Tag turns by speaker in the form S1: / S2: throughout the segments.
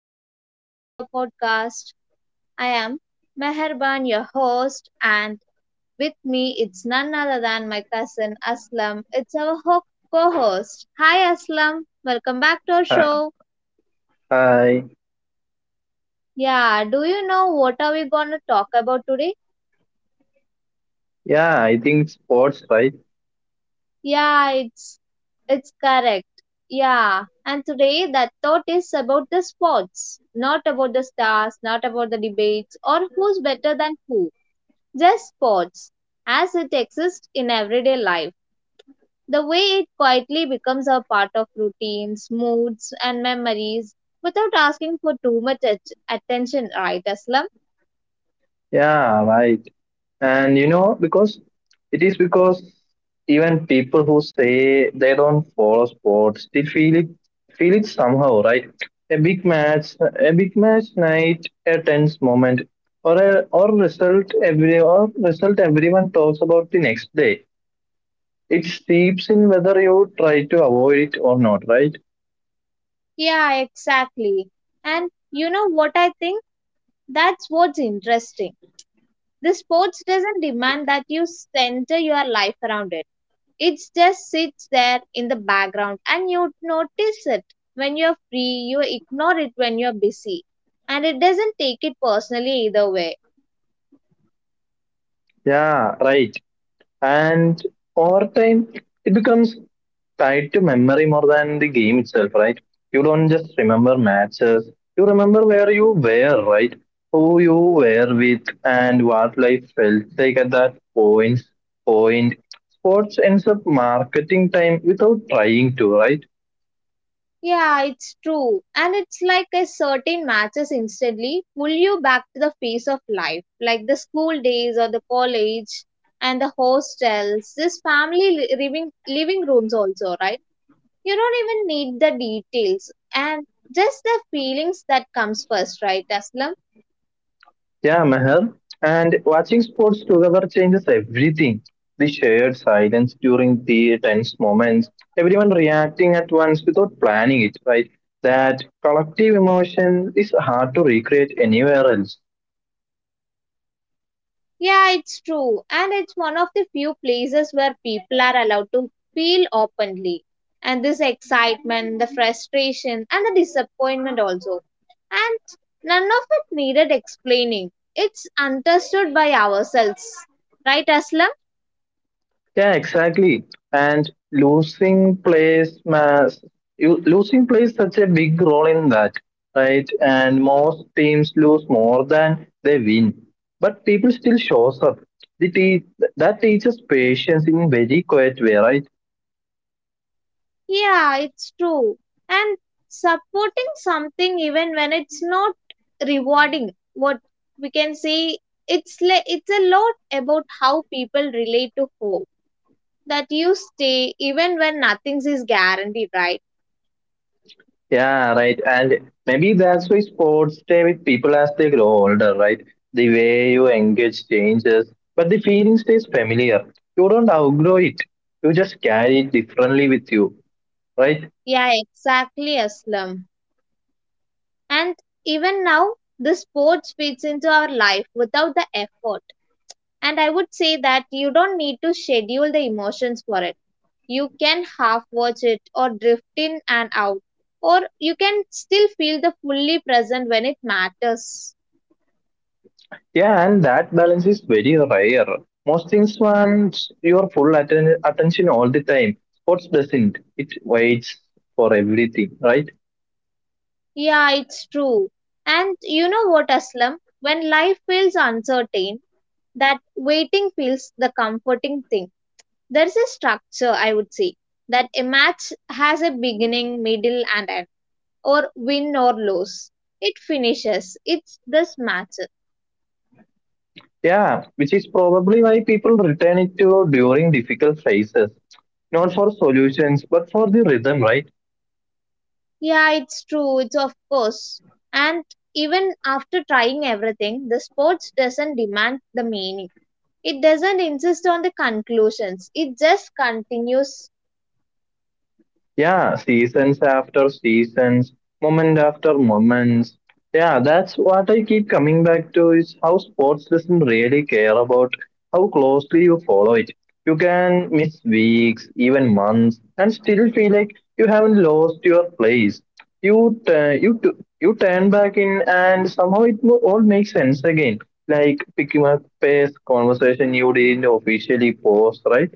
S1: new episode of our podcast. I am Meherban, your host, and with me it's none other than my cousin Aslam. It's our co-host. Hi Aslam, welcome back to our
S2: Hi.
S1: show.
S2: hi.
S1: Yeah, do you know what are we going to talk about today?
S2: Yeah, I think sports, right?
S1: Yeah, it's correct. Yeah, and today that thought is about the sports, not about the stars, not about the debates or who's better than who, just sports as it exists in everyday life. The way it quietly becomes a part of routines, moods, and memories without asking for too much attention, right, Aslam?
S2: Yeah, right. And you know, because it is because even people who say they don't follow sports still feel it somehow, right? A big match night, a tense moment, or result everyone talks about the next day. It seeps in whether you try to avoid it or not, right?
S1: Yeah, exactly. And you know what I think? That's what's interesting. The sports doesn't demand that you center your life around it. It just sits there in the background and you notice it when you're free, you ignore it when you're busy, and it doesn't take it personally either way.
S2: Yeah, right. And over time, it becomes tied to memory more than the game itself, right? You don't just remember matches, you remember where you were, right? Who you were with and what life felt like at that point. Sports ends up marketing time without trying to, right?
S1: Yeah, it's true. And it's like a certain matches instantly pull you back to the face of life, like the school days or the college and the hostels, this family living rooms also, right? You don't even need the details, and just the feelings that comes first, right, Aslam?
S2: Yeah, Meher. And watching sports together changes everything. The shared silence during the tense moments, everyone reacting at once without planning it, right? That collective emotion is hard to recreate anywhere else.
S1: Yeah, it's true. And it's one of the few places where people are allowed to feel openly. And this excitement, the frustration, and the disappointment also. And none of it needed explaining. It's understood by ourselves. Right, Aslam?
S2: Yeah, exactly. And losing plays such a big role in that, right? And most teams lose more than they win, but people still shows up. The te- that teaches patience in very quiet way, right?
S1: Yeah, it's true. And supporting something even when it's not rewarding, what we can say, it's a lot about how people relate to hope, that you stay even when nothing is guaranteed, right?
S2: Yeah, right. And maybe that's why sports stay with people as they grow older, right? The way you engage changes, but the feeling stays familiar. You don't outgrow it. You just carry it differently with you, right?
S1: Yeah, exactly, Aslam. And even now, the sports fits into our life without the effort. And I would say that you don't need to schedule the emotions for it. You can half watch it or drift in and out, or you can still feel the fully present when it matters.
S2: Yeah, and that balance is very rare. Most things want your attention all the time. Sports doesn't. It waits for everything, right?
S1: Yeah, it's true. And you know what, Aslam? When life feels uncertain, that waiting feels the comforting thing. There's a structure, I would say, that a match has a beginning, middle, and end, or win or lose. It finishes. It's this match.
S2: Yeah, which is probably why people return it to during difficult phases. Not for solutions, but for the rhythm, right?
S1: Yeah, it's true. It's of course. And even after trying everything, the sports doesn't demand the meaning. It doesn't insist on the conclusions. It just continues.
S2: Yeah, seasons after seasons, moment after moments. Yeah, that's what I keep coming back to is how sports doesn't really care about how closely you follow it. You can miss weeks, even months, and still feel like you haven't lost your place. You turn back in, and all makes sense again. Like picking up pace, conversation you didn't officially post, right?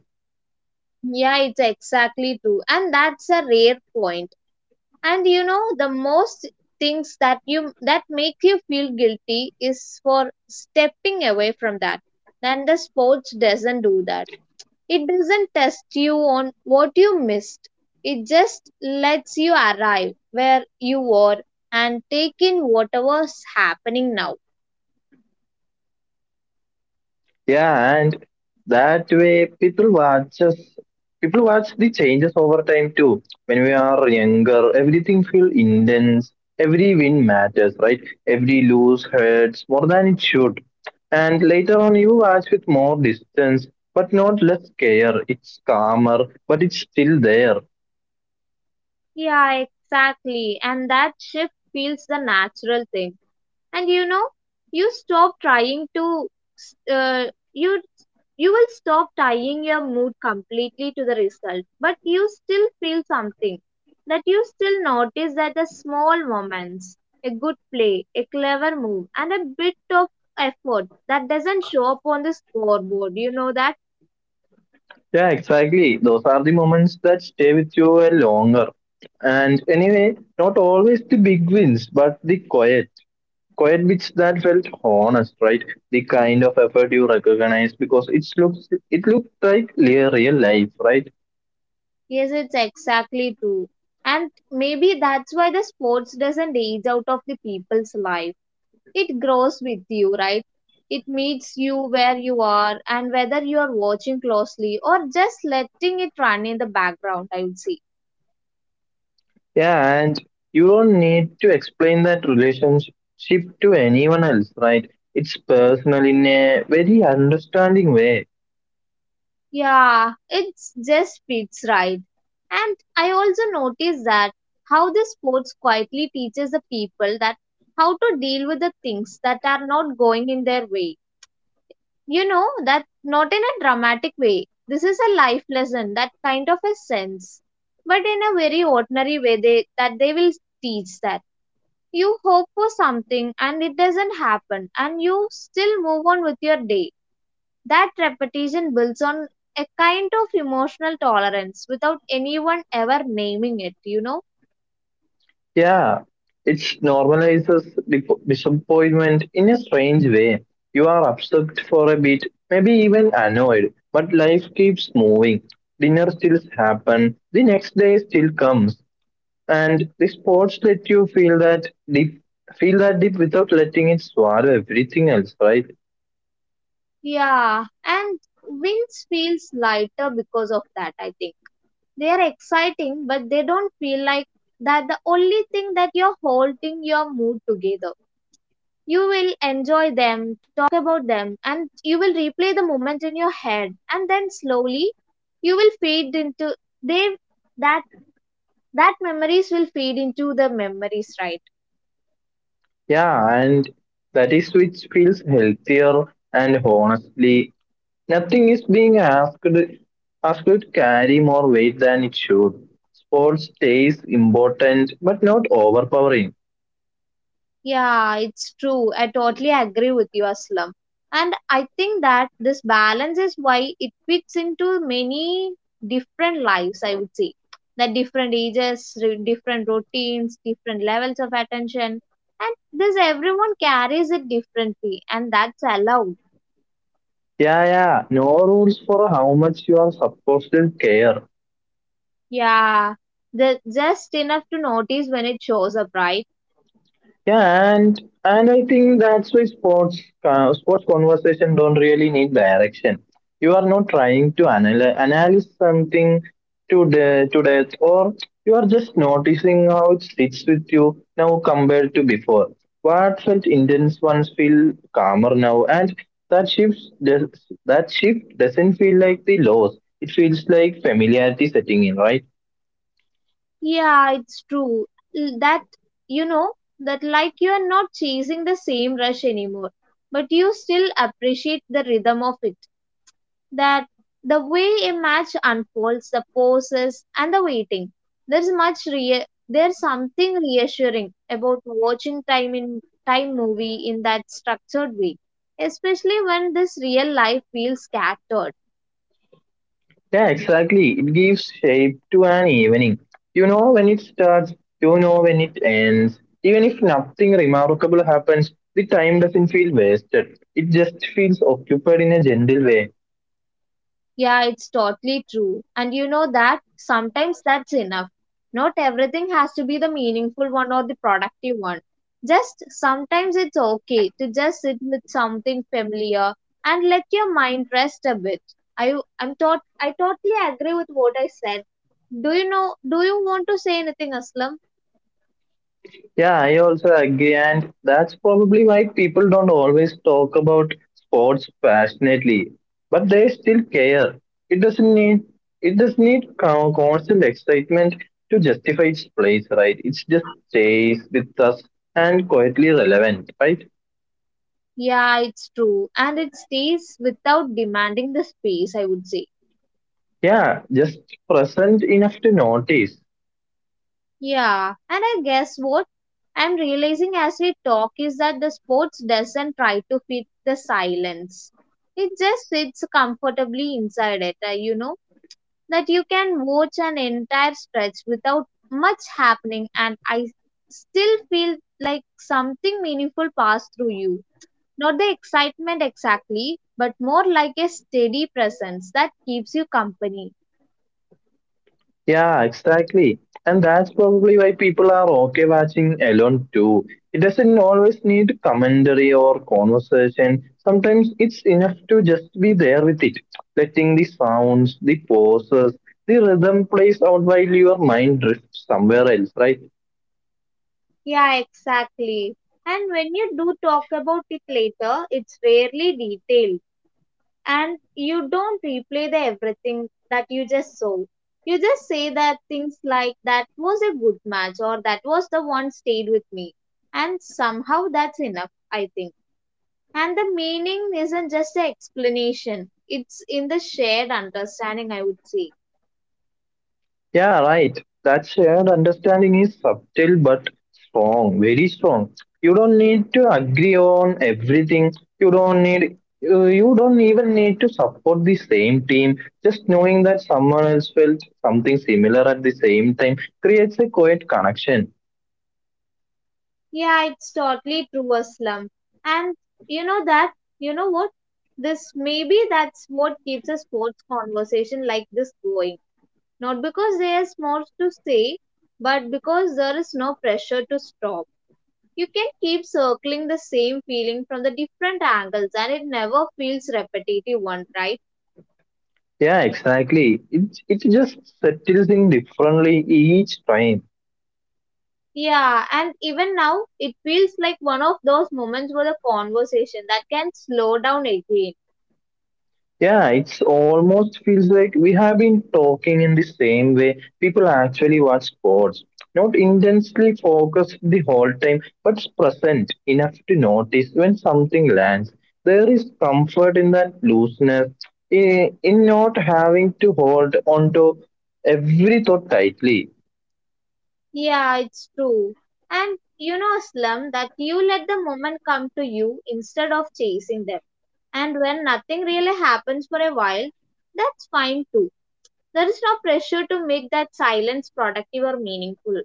S1: Yeah, it's exactly true. And that's a rare point. And you know the most things that you that make you feel guilty is for stepping away from that, then the sports doesn't do that. It doesn't test you on what you missed. It just lets you arrive where you were and take in whatever's happening now.
S2: Yeah, and that way people watch the changes over time too. When we are younger, everything feels intense. Every win matters, right? Every lose hurts more than it should. And later on, you watch with more distance, but not less care. It's calmer, but it's still there.
S1: Yeah, exactly, and that shift feels the natural thing. And you know, you stop trying to uh, you you will stop tying your mood completely to the result, but you still feel something. That you still notice that the small moments, a good play, a clever move, and a bit of effort that doesn't show up on the scoreboard, you know that.
S2: Yeah, exactly. Those are the moments that stay with you a longer. And anyway, not always the big wins, but the quiet. Quiet bits that felt honest, right? The kind of effort you recognize because it looks like real life, right?
S1: Yes, it's exactly true. And maybe that's why the sports doesn't age out of the people's life. It grows with you, right? It meets you where you are, and whether you are watching closely or just letting it run in the background, I would say.
S2: Yeah, and you don't need to explain that relationship to anyone else, right? It's personal in a very understanding way.
S1: Yeah, it just fits right. And I also noticed that how the sports quietly teaches the people that how to deal with the things that are not going in their way. You know that, not in a dramatic way, this is a life lesson, that kind of a sense, but in a very ordinary way they that they will teach that you hope for something and it doesn't happen and you still move on with your day. That repetition builds on a kind of emotional tolerance without anyone ever naming it, you know.
S2: Yeah, it normalizes disappointment in a strange way. You are upset for a bit, maybe even annoyed, but life keeps moving. Dinner still happens, the next day still comes, and the sports let you feel that deep without letting it swallow everything else, right?
S1: Yeah, and wins feels lighter because of that, I think. They are exciting, but they don't feel like that the only thing that you're holding your mood together. You will enjoy them, talk about them, and you will replay the moment in your head, and then slowly you will fade into they that that memories will fade into the memories, right?
S2: Yeah, and that is which feels healthier and honestly nothing is being asked to carry more weight than it should. Sports stays important but not overpowering.
S1: Yeah, it's true. I totally agree with you, Aslam. And I think that this balance is why it fits into many different lives, I would say. That different ages, different routines, different levels of attention. And this everyone carries it differently, and that's allowed.
S2: Yeah, yeah. No rules for how much you are supposed to care.
S1: Yeah, the, just enough to notice when it shows up, right?
S2: Yeah, and I think that's why sports sports conversation don't really need direction. You are not trying to analyze something to death, or you are just noticing how it sits with you now compared to before. What felt intense once feel calmer now, and that shift does, that shift doesn't feel like the loss. It feels like familiarity setting in, right?
S1: Yeah, it's true. That, you know, that like you are not chasing the same rush anymore, but you still appreciate the rhythm of it. That the way a match unfolds, the pauses and the waiting. There's something reassuring about watching time in time movie in that structured way, especially when this real life feels scattered.
S2: Yeah, exactly. It gives shape to an evening. You know when it starts, you know when it ends. Even if nothing remarkable happens, the time doesn't feel wasted. It just feels occupied in a gentle way.
S1: Yeah, it's totally true. And you know that sometimes that's enough. Not everything has to be the meaningful one or the productive one. Just sometimes it's okay to just sit with something familiar and let your mind rest a bit. I totally agree with what I said. Do you want to say anything, Aslam?
S2: Yeah, I also agree, and that's probably why people don't always talk about sports passionately, but they still care. It doesn't need it does not need constant excitement to justify its place, right? It just stays with us and quietly relevant, right?
S1: Yeah, it's true. And it stays without demanding the space, I would say.
S2: Yeah, just present enough to notice.
S1: Yeah, and I guess what I'm realizing as we talk is that the sports doesn't try to fit the silence. It just sits comfortably inside it, you know, that you can watch an entire stretch without much happening, and I still feel like something meaningful passed through you. Not the excitement exactly, but more like a steady presence that keeps you company.
S2: Yeah, exactly. And that's probably why people are okay watching alone too. It doesn't always need commentary or conversation. Sometimes it's enough to just be there with it, letting the sounds, the pauses, the rhythm plays out while your mind drifts somewhere else, right?
S1: Yeah, exactly. And when you do talk about it later, it's rarely detailed. And you don't replay the everything that you just saw. You just say that things like that was a good match or that was the one stayed with me. And somehow that's enough, I think. And the meaning isn't just the explanation, it's in the shared understanding, I would say.
S2: Yeah, right. That shared understanding is subtle but strong, very strong. You don't need to agree on everything. You don't even need to support the same team. Just knowing that someone else felt something similar at the same time creates a quiet connection.
S1: Yeah, it's totally true, Aslam. And you know that, you know what? This maybe that's what keeps a sports conversation like this going. Not because there's more to say, but because there is no pressure to stop. You can keep circling the same feeling from the different angles and it never feels repetitive one, right?
S2: Yeah, exactly. It just settles in differently each time.
S1: Yeah, and even now it feels like one of those moments for the conversation that can slow down again.
S2: Yeah, it's almost feels like we have been talking in the same way people actually watch sports. Not intensely focused the whole time, but present enough to notice when something lands. There is comfort in that looseness, in not having to hold on to every thought tightly.
S1: Yeah, it's true. And you know, Slum, that you let the moment come to you instead of chasing them. And when nothing really happens for a while, that's fine too. There is no pressure to make that silence productive or meaningful.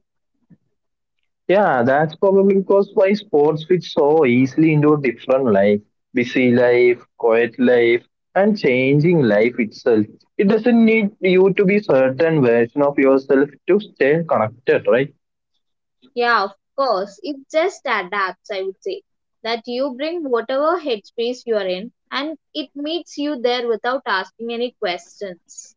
S2: Yeah, that's probably because why sports fit so easily into a different life, busy life, quiet life, and changing life itself. It doesn't need you to be certain version of yourself to stay connected, right?
S1: Yeah, of course. It just adapts, I would say. That you bring whatever headspace you are in and it meets you there without asking any questions.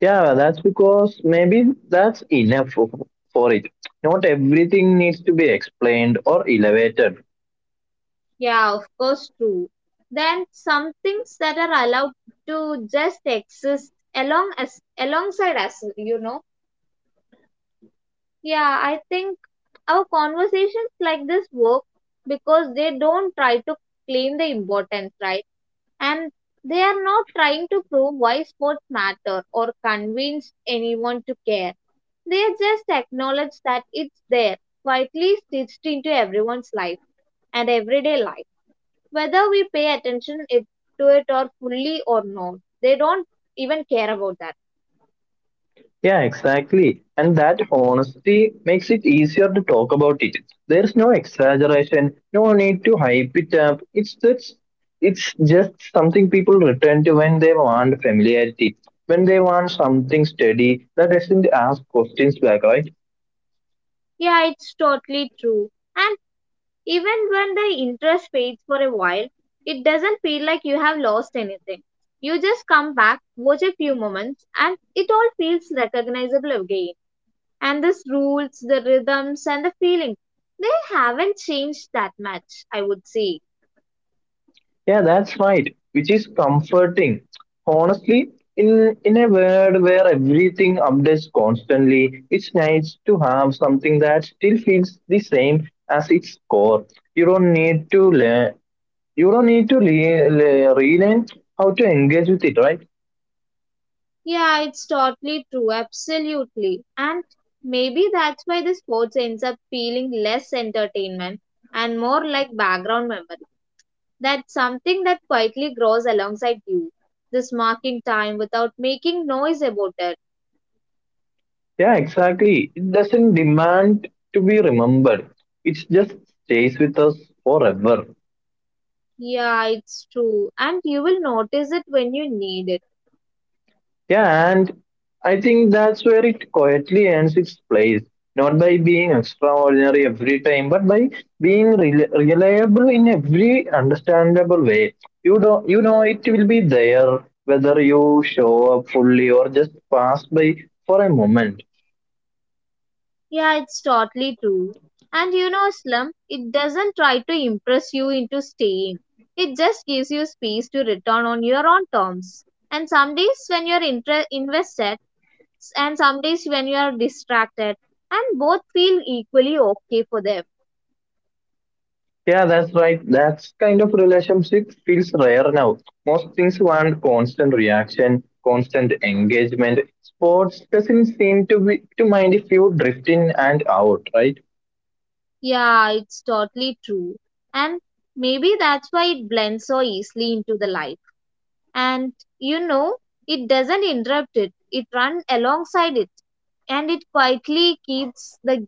S2: Yeah, that's because maybe that's enough for it. Not everything needs to be explained or elevated.
S1: Yeah, of course, true. Then some things that are allowed to just exist along as alongside us, you know. Yeah, I think our conversations like this work because they don't try to claim the importance, right? And they are not trying to prove why sports matter or convince anyone to care. They just acknowledge that it's there, quietly stitched into everyone's life and everyday life, whether we pay attention it, to it or fully or not, they don't even care about that.
S2: Yeah, exactly. And that honesty makes it easier to talk about it. There's no exaggeration, no need to hype it up. It's just something people return to when they want familiarity, when they want something steady that doesn't ask questions back, right?
S1: Yeah, it's totally true. And even when the interest fades for a while, it doesn't feel like you have lost anything. You just come back, watch a few moments, and it all feels recognizable again. And this rules the rhythms and the feelings. They haven't changed that much, I would say.
S2: Yeah, that's right. Which is comforting. Honestly, in a world where everything updates constantly, it's nice to have something that still feels the same as its core. You don't need to learn. You don't need to relearn how to engage with it, right?
S1: Yeah, it's totally true, absolutely. And maybe that's why the sports ends up feeling less entertainment and more like background memory. That's something that quietly grows alongside you. This marking time without making noise about it.
S2: Yeah, exactly. It doesn't demand to be remembered. It just stays with us forever.
S1: Yeah, it's true. And you will notice it when you need it.
S2: Yeah, and I think that's where it quietly earns its place, not by being extraordinary every time, but by being reliable in every understandable way. You know it will be there whether you show up fully or just pass by for a moment.
S1: Yeah, it's totally true. And you know, Slum, it doesn't try to impress you into staying. It just gives you space to return on your own terms. And some days when you're invested, and some days when you're distracted, and both feel equally okay for them.
S2: Yeah, that's right. That kind of relationship feels rare now. Most things want constant reaction, constant engagement. Sports doesn't seem to be to mind if you drift in and out, right?
S1: Yeah, it's totally true. And maybe that's why it blends so easily into the life. And you know, it doesn't interrupt it, it runs alongside it, and it quietly keeps the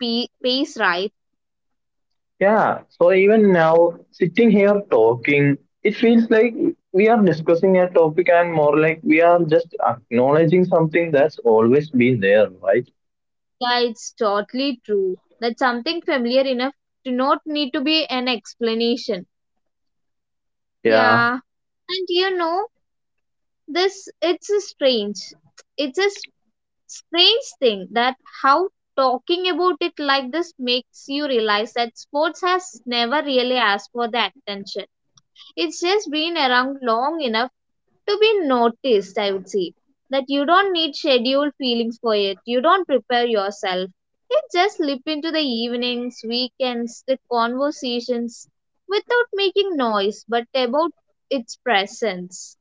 S1: pace, right?
S2: Yeah. So even now, sitting here talking, it feels like we are discussing a topic and more like we are just acknowledging something that's always been there, right?
S1: Yeah, it's totally true. That's something familiar enough to not need to be an explanation.
S2: Yeah.
S1: Yeah, and you know, this it's a strange, it's a s- strange thing that how talking about it like this makes you realize that sports has never really asked for the attention. It's just been around long enough to be noticed, I would say. That you don't need scheduled feelings for it. You don't prepare yourself. You just slip into the evenings, weekends, the conversations without making noise, but about its presence.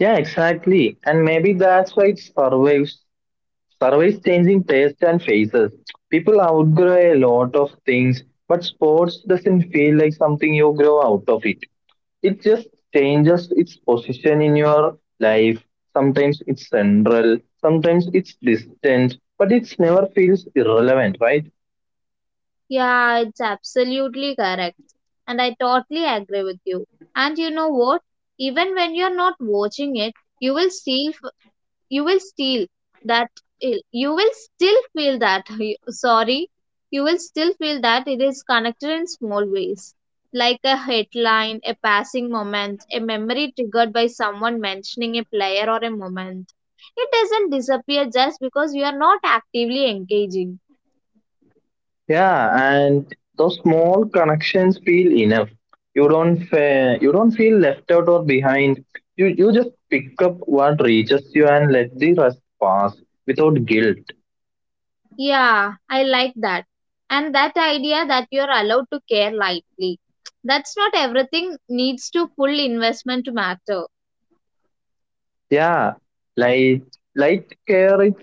S2: Yeah, exactly. And maybe that's why it survives. Surveys changing taste and faces. People outgrow a lot of things, but sports doesn't feel like something you grow out of it. It just changes its position in your life. Sometimes it's central, sometimes it's distant, but it never feels irrelevant, right?
S1: Yeah, it's absolutely correct. And I totally agree with you. And you know what? Even when you're not watching it, you will still you will still that eh, you will still feel that sorry you will still feel that it is connected in small ways, like a headline, a passing moment, a memory triggered by someone mentioning a player or a moment. It doesn't disappear just because you are not actively engaging.
S2: Yeah, and those small connections feel enough. You don't feel left out or behind. You just pick up what reaches you and let the rest pass without guilt.
S1: Yeah, I like that. And that idea that you are allowed to care lightly, that's not everything needs to full investment to matter.
S2: Yeah, light light care is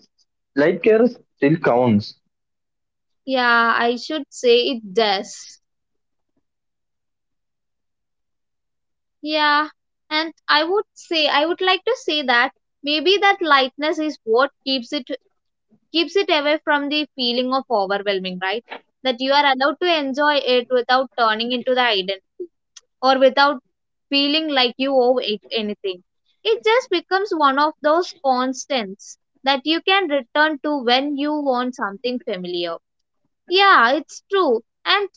S2: light care still counts.
S1: Yeah, I should say it does. Yeah, and I would like to say that maybe that lightness is what keeps it, keeps it away from the feeling of overwhelming, right? That you are allowed to enjoy it without turning into the identity, or without feeling like you owe it anything. It just becomes one of those constants that you can return to when you want something familiar. Yeah, it's true. And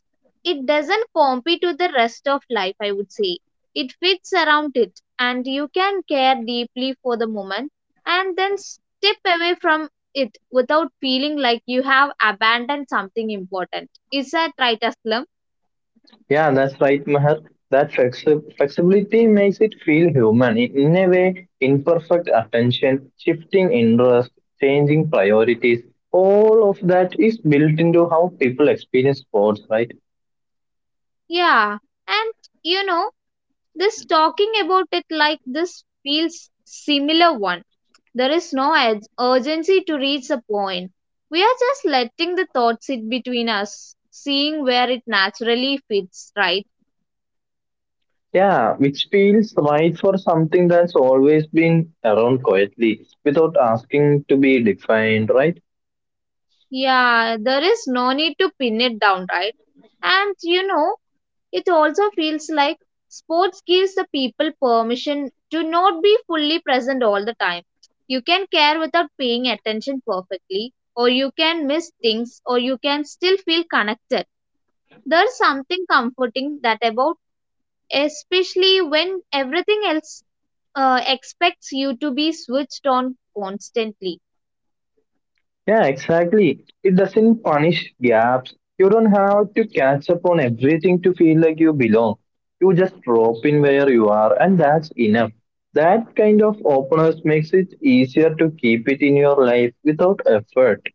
S1: it doesn't compete with the rest of life, I would say. It fits around it, and you can care deeply for the moment and then step away from it without feeling like you have abandoned something important. Is that right, Aslam?
S2: Yeah, that's right, Meher. That flexibility makes it feel human. In a way, imperfect attention, shifting interest, changing priorities, all of that is built into how people experience sports, right?
S1: Yeah. And you know, this talking about it like this feels similar one. There is no urgency to reach a point. We are just letting the thought sit between us, seeing where it naturally fits, right?
S2: Yeah, which feels right for something that's always been around quietly without asking to be defined, right?
S1: Yeah, there is no need to pin it down, right? And you know, it also feels like sports gives the people permission to not be fully present all the time. You can care without paying attention perfectly, or you can miss things, or you can still feel connected. There's something comforting that about, especially when everything else expects you to be switched on constantly.
S2: Yeah, exactly. It doesn't punish gaps. You don't have to catch up on everything to feel like you belong. You just drop in where you are, and that's enough. That kind of openness makes it easier to keep it in your life without effort.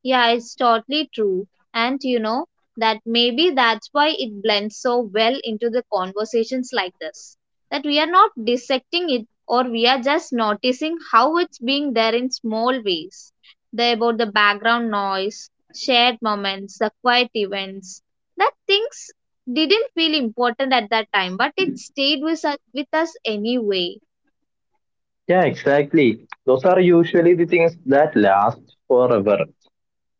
S1: Yeah, it's totally true. And you know that maybe that's why it blends so well into the conversations like this. That we are not dissecting it, or we are just noticing how it's being there in small ways. The about the background noise, shared moments, the quiet events. That things didn't feel important at that time, but it stayed with us anyway.
S2: Yeah, exactly. Those are usually the things that last forever.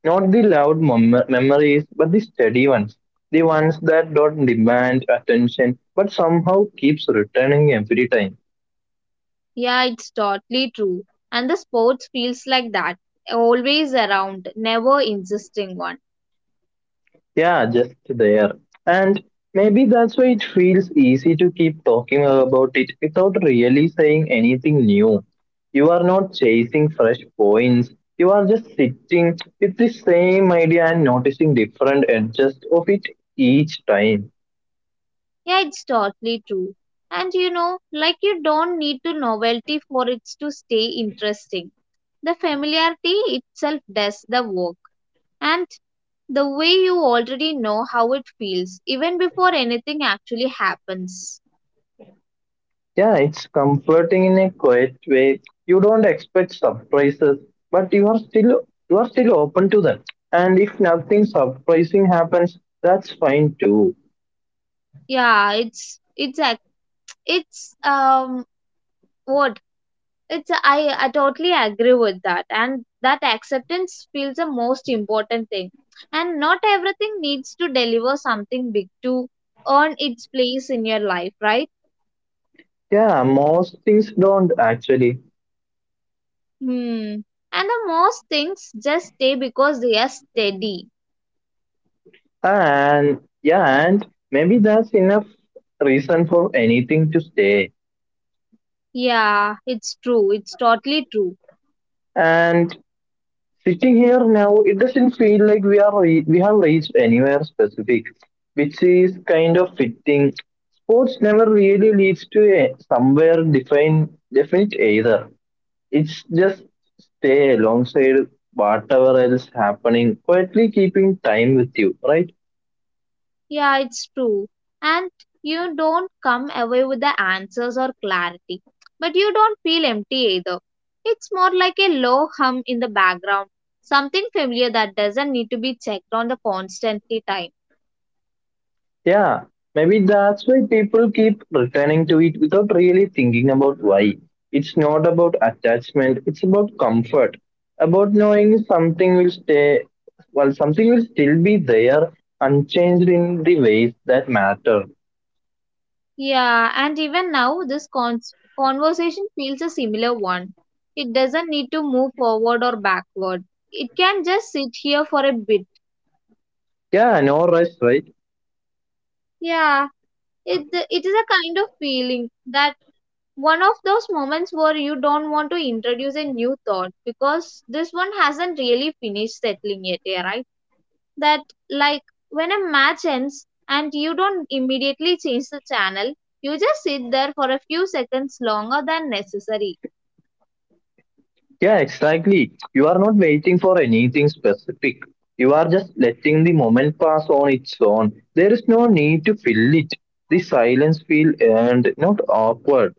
S2: Not the loud memories, but the steady ones. The ones that don't demand attention, but somehow keeps returning every time.
S1: Yeah, it's totally true. And the sports feels like that. Always around, never insisting one.
S2: Yeah, just there. And maybe that's why it feels easy to keep talking about it without really saying anything new. You are not chasing fresh points. You are just sitting with the same idea and noticing different edges of it each time.
S1: Yeah, it's totally true. And you know, like you don't need to novelty for it to stay interesting. The familiarity itself does the work. And the way you already know how it feels, even before anything actually happens.
S2: Yeah, it's comforting in a quiet way. You don't expect surprises, but you are still open to them. And if nothing surprising happens, that's fine too.
S1: Yeah, it's act it's what it's I totally agree with that, and that acceptance feels the most important thing, and not everything needs to deliver something big to earn its place in your life, right?
S2: Yeah, most things don't actually.
S1: Hmm. And the most things just stay because they are steady.
S2: And yeah, and maybe that's enough reason for anything to stay.
S1: Yeah, it's totally true.
S2: And sitting here now, it doesn't feel like we have reached anywhere specific, which is kind of fitting. Sports never really leads to a somewhere defined definite either. It's just stay alongside whatever else happening, quietly keeping time with you, right?
S1: Yeah, it's true. And you don't come away with the answers or clarity, but you don't feel empty either. It's more like a low hum in the background, something familiar that doesn't need to be checked on the constantly time.
S2: Yeah, maybe that's why people keep returning to it without really thinking about why. It's not about attachment, it's about comfort, about knowing something will stay, well, something will still be there, unchanged in the ways that matter.
S1: Yeah, and even now, this conversation feels a similar one. It doesn't need to move forward or backward. It can just sit here for a bit.
S2: Yeah, no rush, right?
S1: Yeah, it is a kind of feeling that one of those moments where you don't want to introduce a new thought because this one hasn't really finished settling yet, yeah, right? That, like, when a match ends and you don't immediately change the channel, you just sit there for a few seconds longer than necessary.
S2: Yeah, exactly. You are not waiting for anything specific. You are just letting the moment pass on its own. There is no need to fill it. The silence feel earned, not awkward.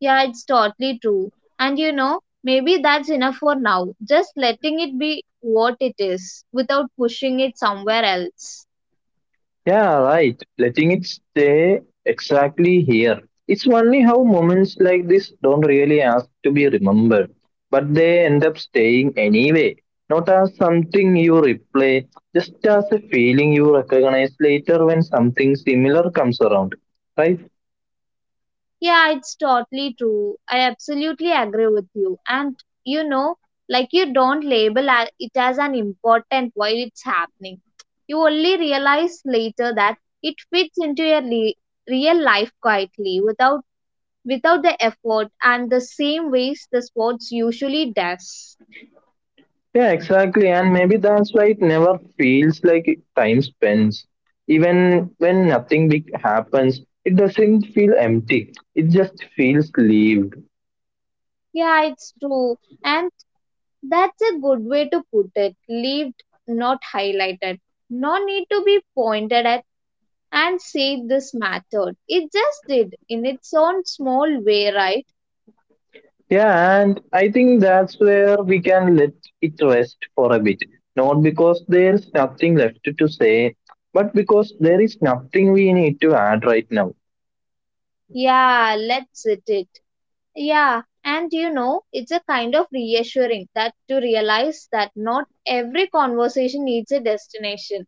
S1: Yeah, it's totally true. And you know, maybe that's enough for now. Just letting it be what it is without pushing it somewhere else.
S2: Yeah, right. Letting it stay exactly here. It's funny how moments like this don't really ask to be remembered, but they end up staying anyway. Not as something you replay, just as a feeling you recognize later when something similar comes around. Right?
S1: Yeah, it's totally true. I absolutely agree with you. And you know, like you don't it as an important while it's happening. You only realize later that it fits into your real life quietly without the effort and the same ways the sports usually does.
S2: Yeah, exactly. And maybe that's why it never feels like time spends. Even when nothing big happens, it doesn't feel empty. It just feels lived.
S1: Yeah, it's true. And that's a good way to put it. Lived, not highlighted. No need to be pointed at and said this mattered. It just did, in its own small way, right?
S2: Yeah, and I think that's where we can let it rest for a bit. Not because there's nothing left to say, but because there is nothing we need to add right now.
S1: Yeah, let's hit it. Yeah, and you know, it's a kind of reassuring that to realize that not every conversation needs a destination.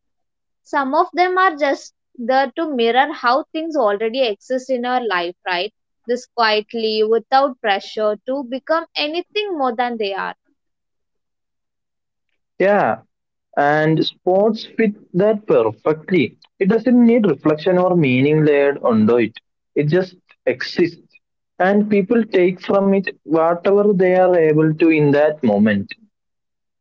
S1: Some of them are just there to mirror how things already exist in our life, right? This quietly, without pressure to become anything more than they are.
S2: Yeah, and sports fit that perfectly. It doesn't need reflection or meaning layered onto it, it just exists. And people take from it whatever they are able to in that moment.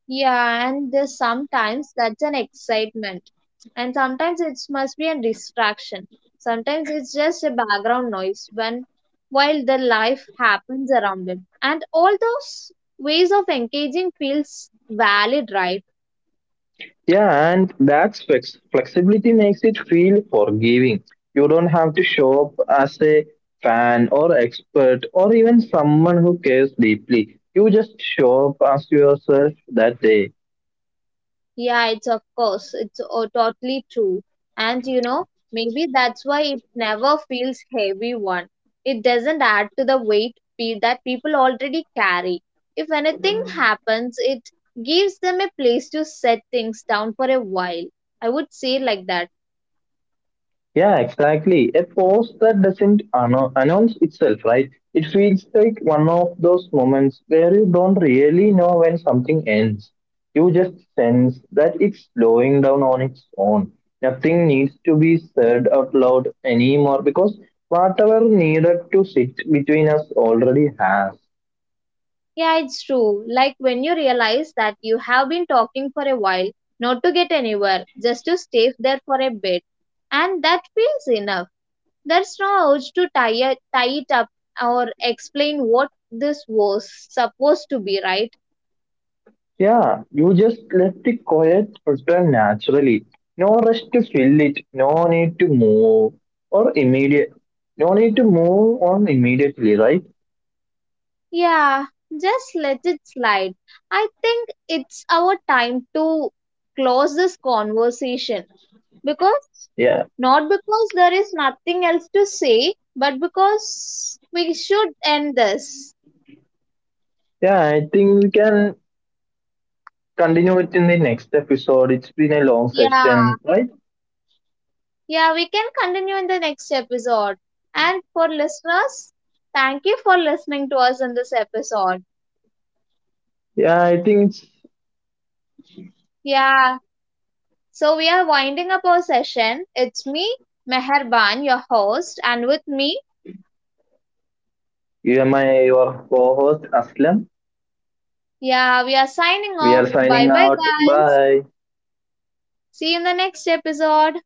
S1: Yeah, and there's sometimes that's an excitement, and sometimes it must be a distraction. Sometimes it's just a background noise when while the life happens around it. And all those ways of engaging feels valid, right?
S2: Yeah, and that's flexibility makes it feel forgiving. You don't have to show up as a fan or expert or even someone who cares deeply. You just show up as yourself that day.
S1: Yeah, it's of course. It's totally true. And you know, maybe that's why it never feels heavy one. It doesn't add to the weight that people already carry. If anything happens, it gives them a place to set things down for a while. I would say like that.
S2: Yeah, exactly. A post that doesn't announce itself, right? It feels like one of those moments where you don't really know when something ends. You just sense that it's slowing down on its own. Nothing needs to be said out loud anymore because whatever needed to sit between us already has.
S1: Yeah, it's true. Like when you realize that you have been talking for a while, not to get anywhere, just to stay there for a bit. And that feels enough. There's no urge to tie it up or explain what this was supposed to be, right?
S2: Yeah, you just let the quiet return naturally. No rush to fill it. No need to move or immediate. No need to move on immediately, right?
S1: Yeah, just let it slide. I think it's our time to close this conversation because,
S2: Yeah,
S1: not because there is nothing else to say, but because we should end this.
S2: yeah. I think we can continue it in the next episode. It's been a long
S1: Yeah,
S2: session, right?
S1: yeah, we can continue in the next episode. And for listeners, thank you for listening to us in this episode.
S2: Yeah, I think it's
S1: Yeah, so we are winding up our session. It's me, Meherban, your host, and with me,
S2: your co-host Aslam.
S1: yeah, we are signing
S2: We are
S1: off. Bye
S2: signing
S1: bye,
S2: out.
S1: guys.
S2: Bye.
S1: See you in the next episode.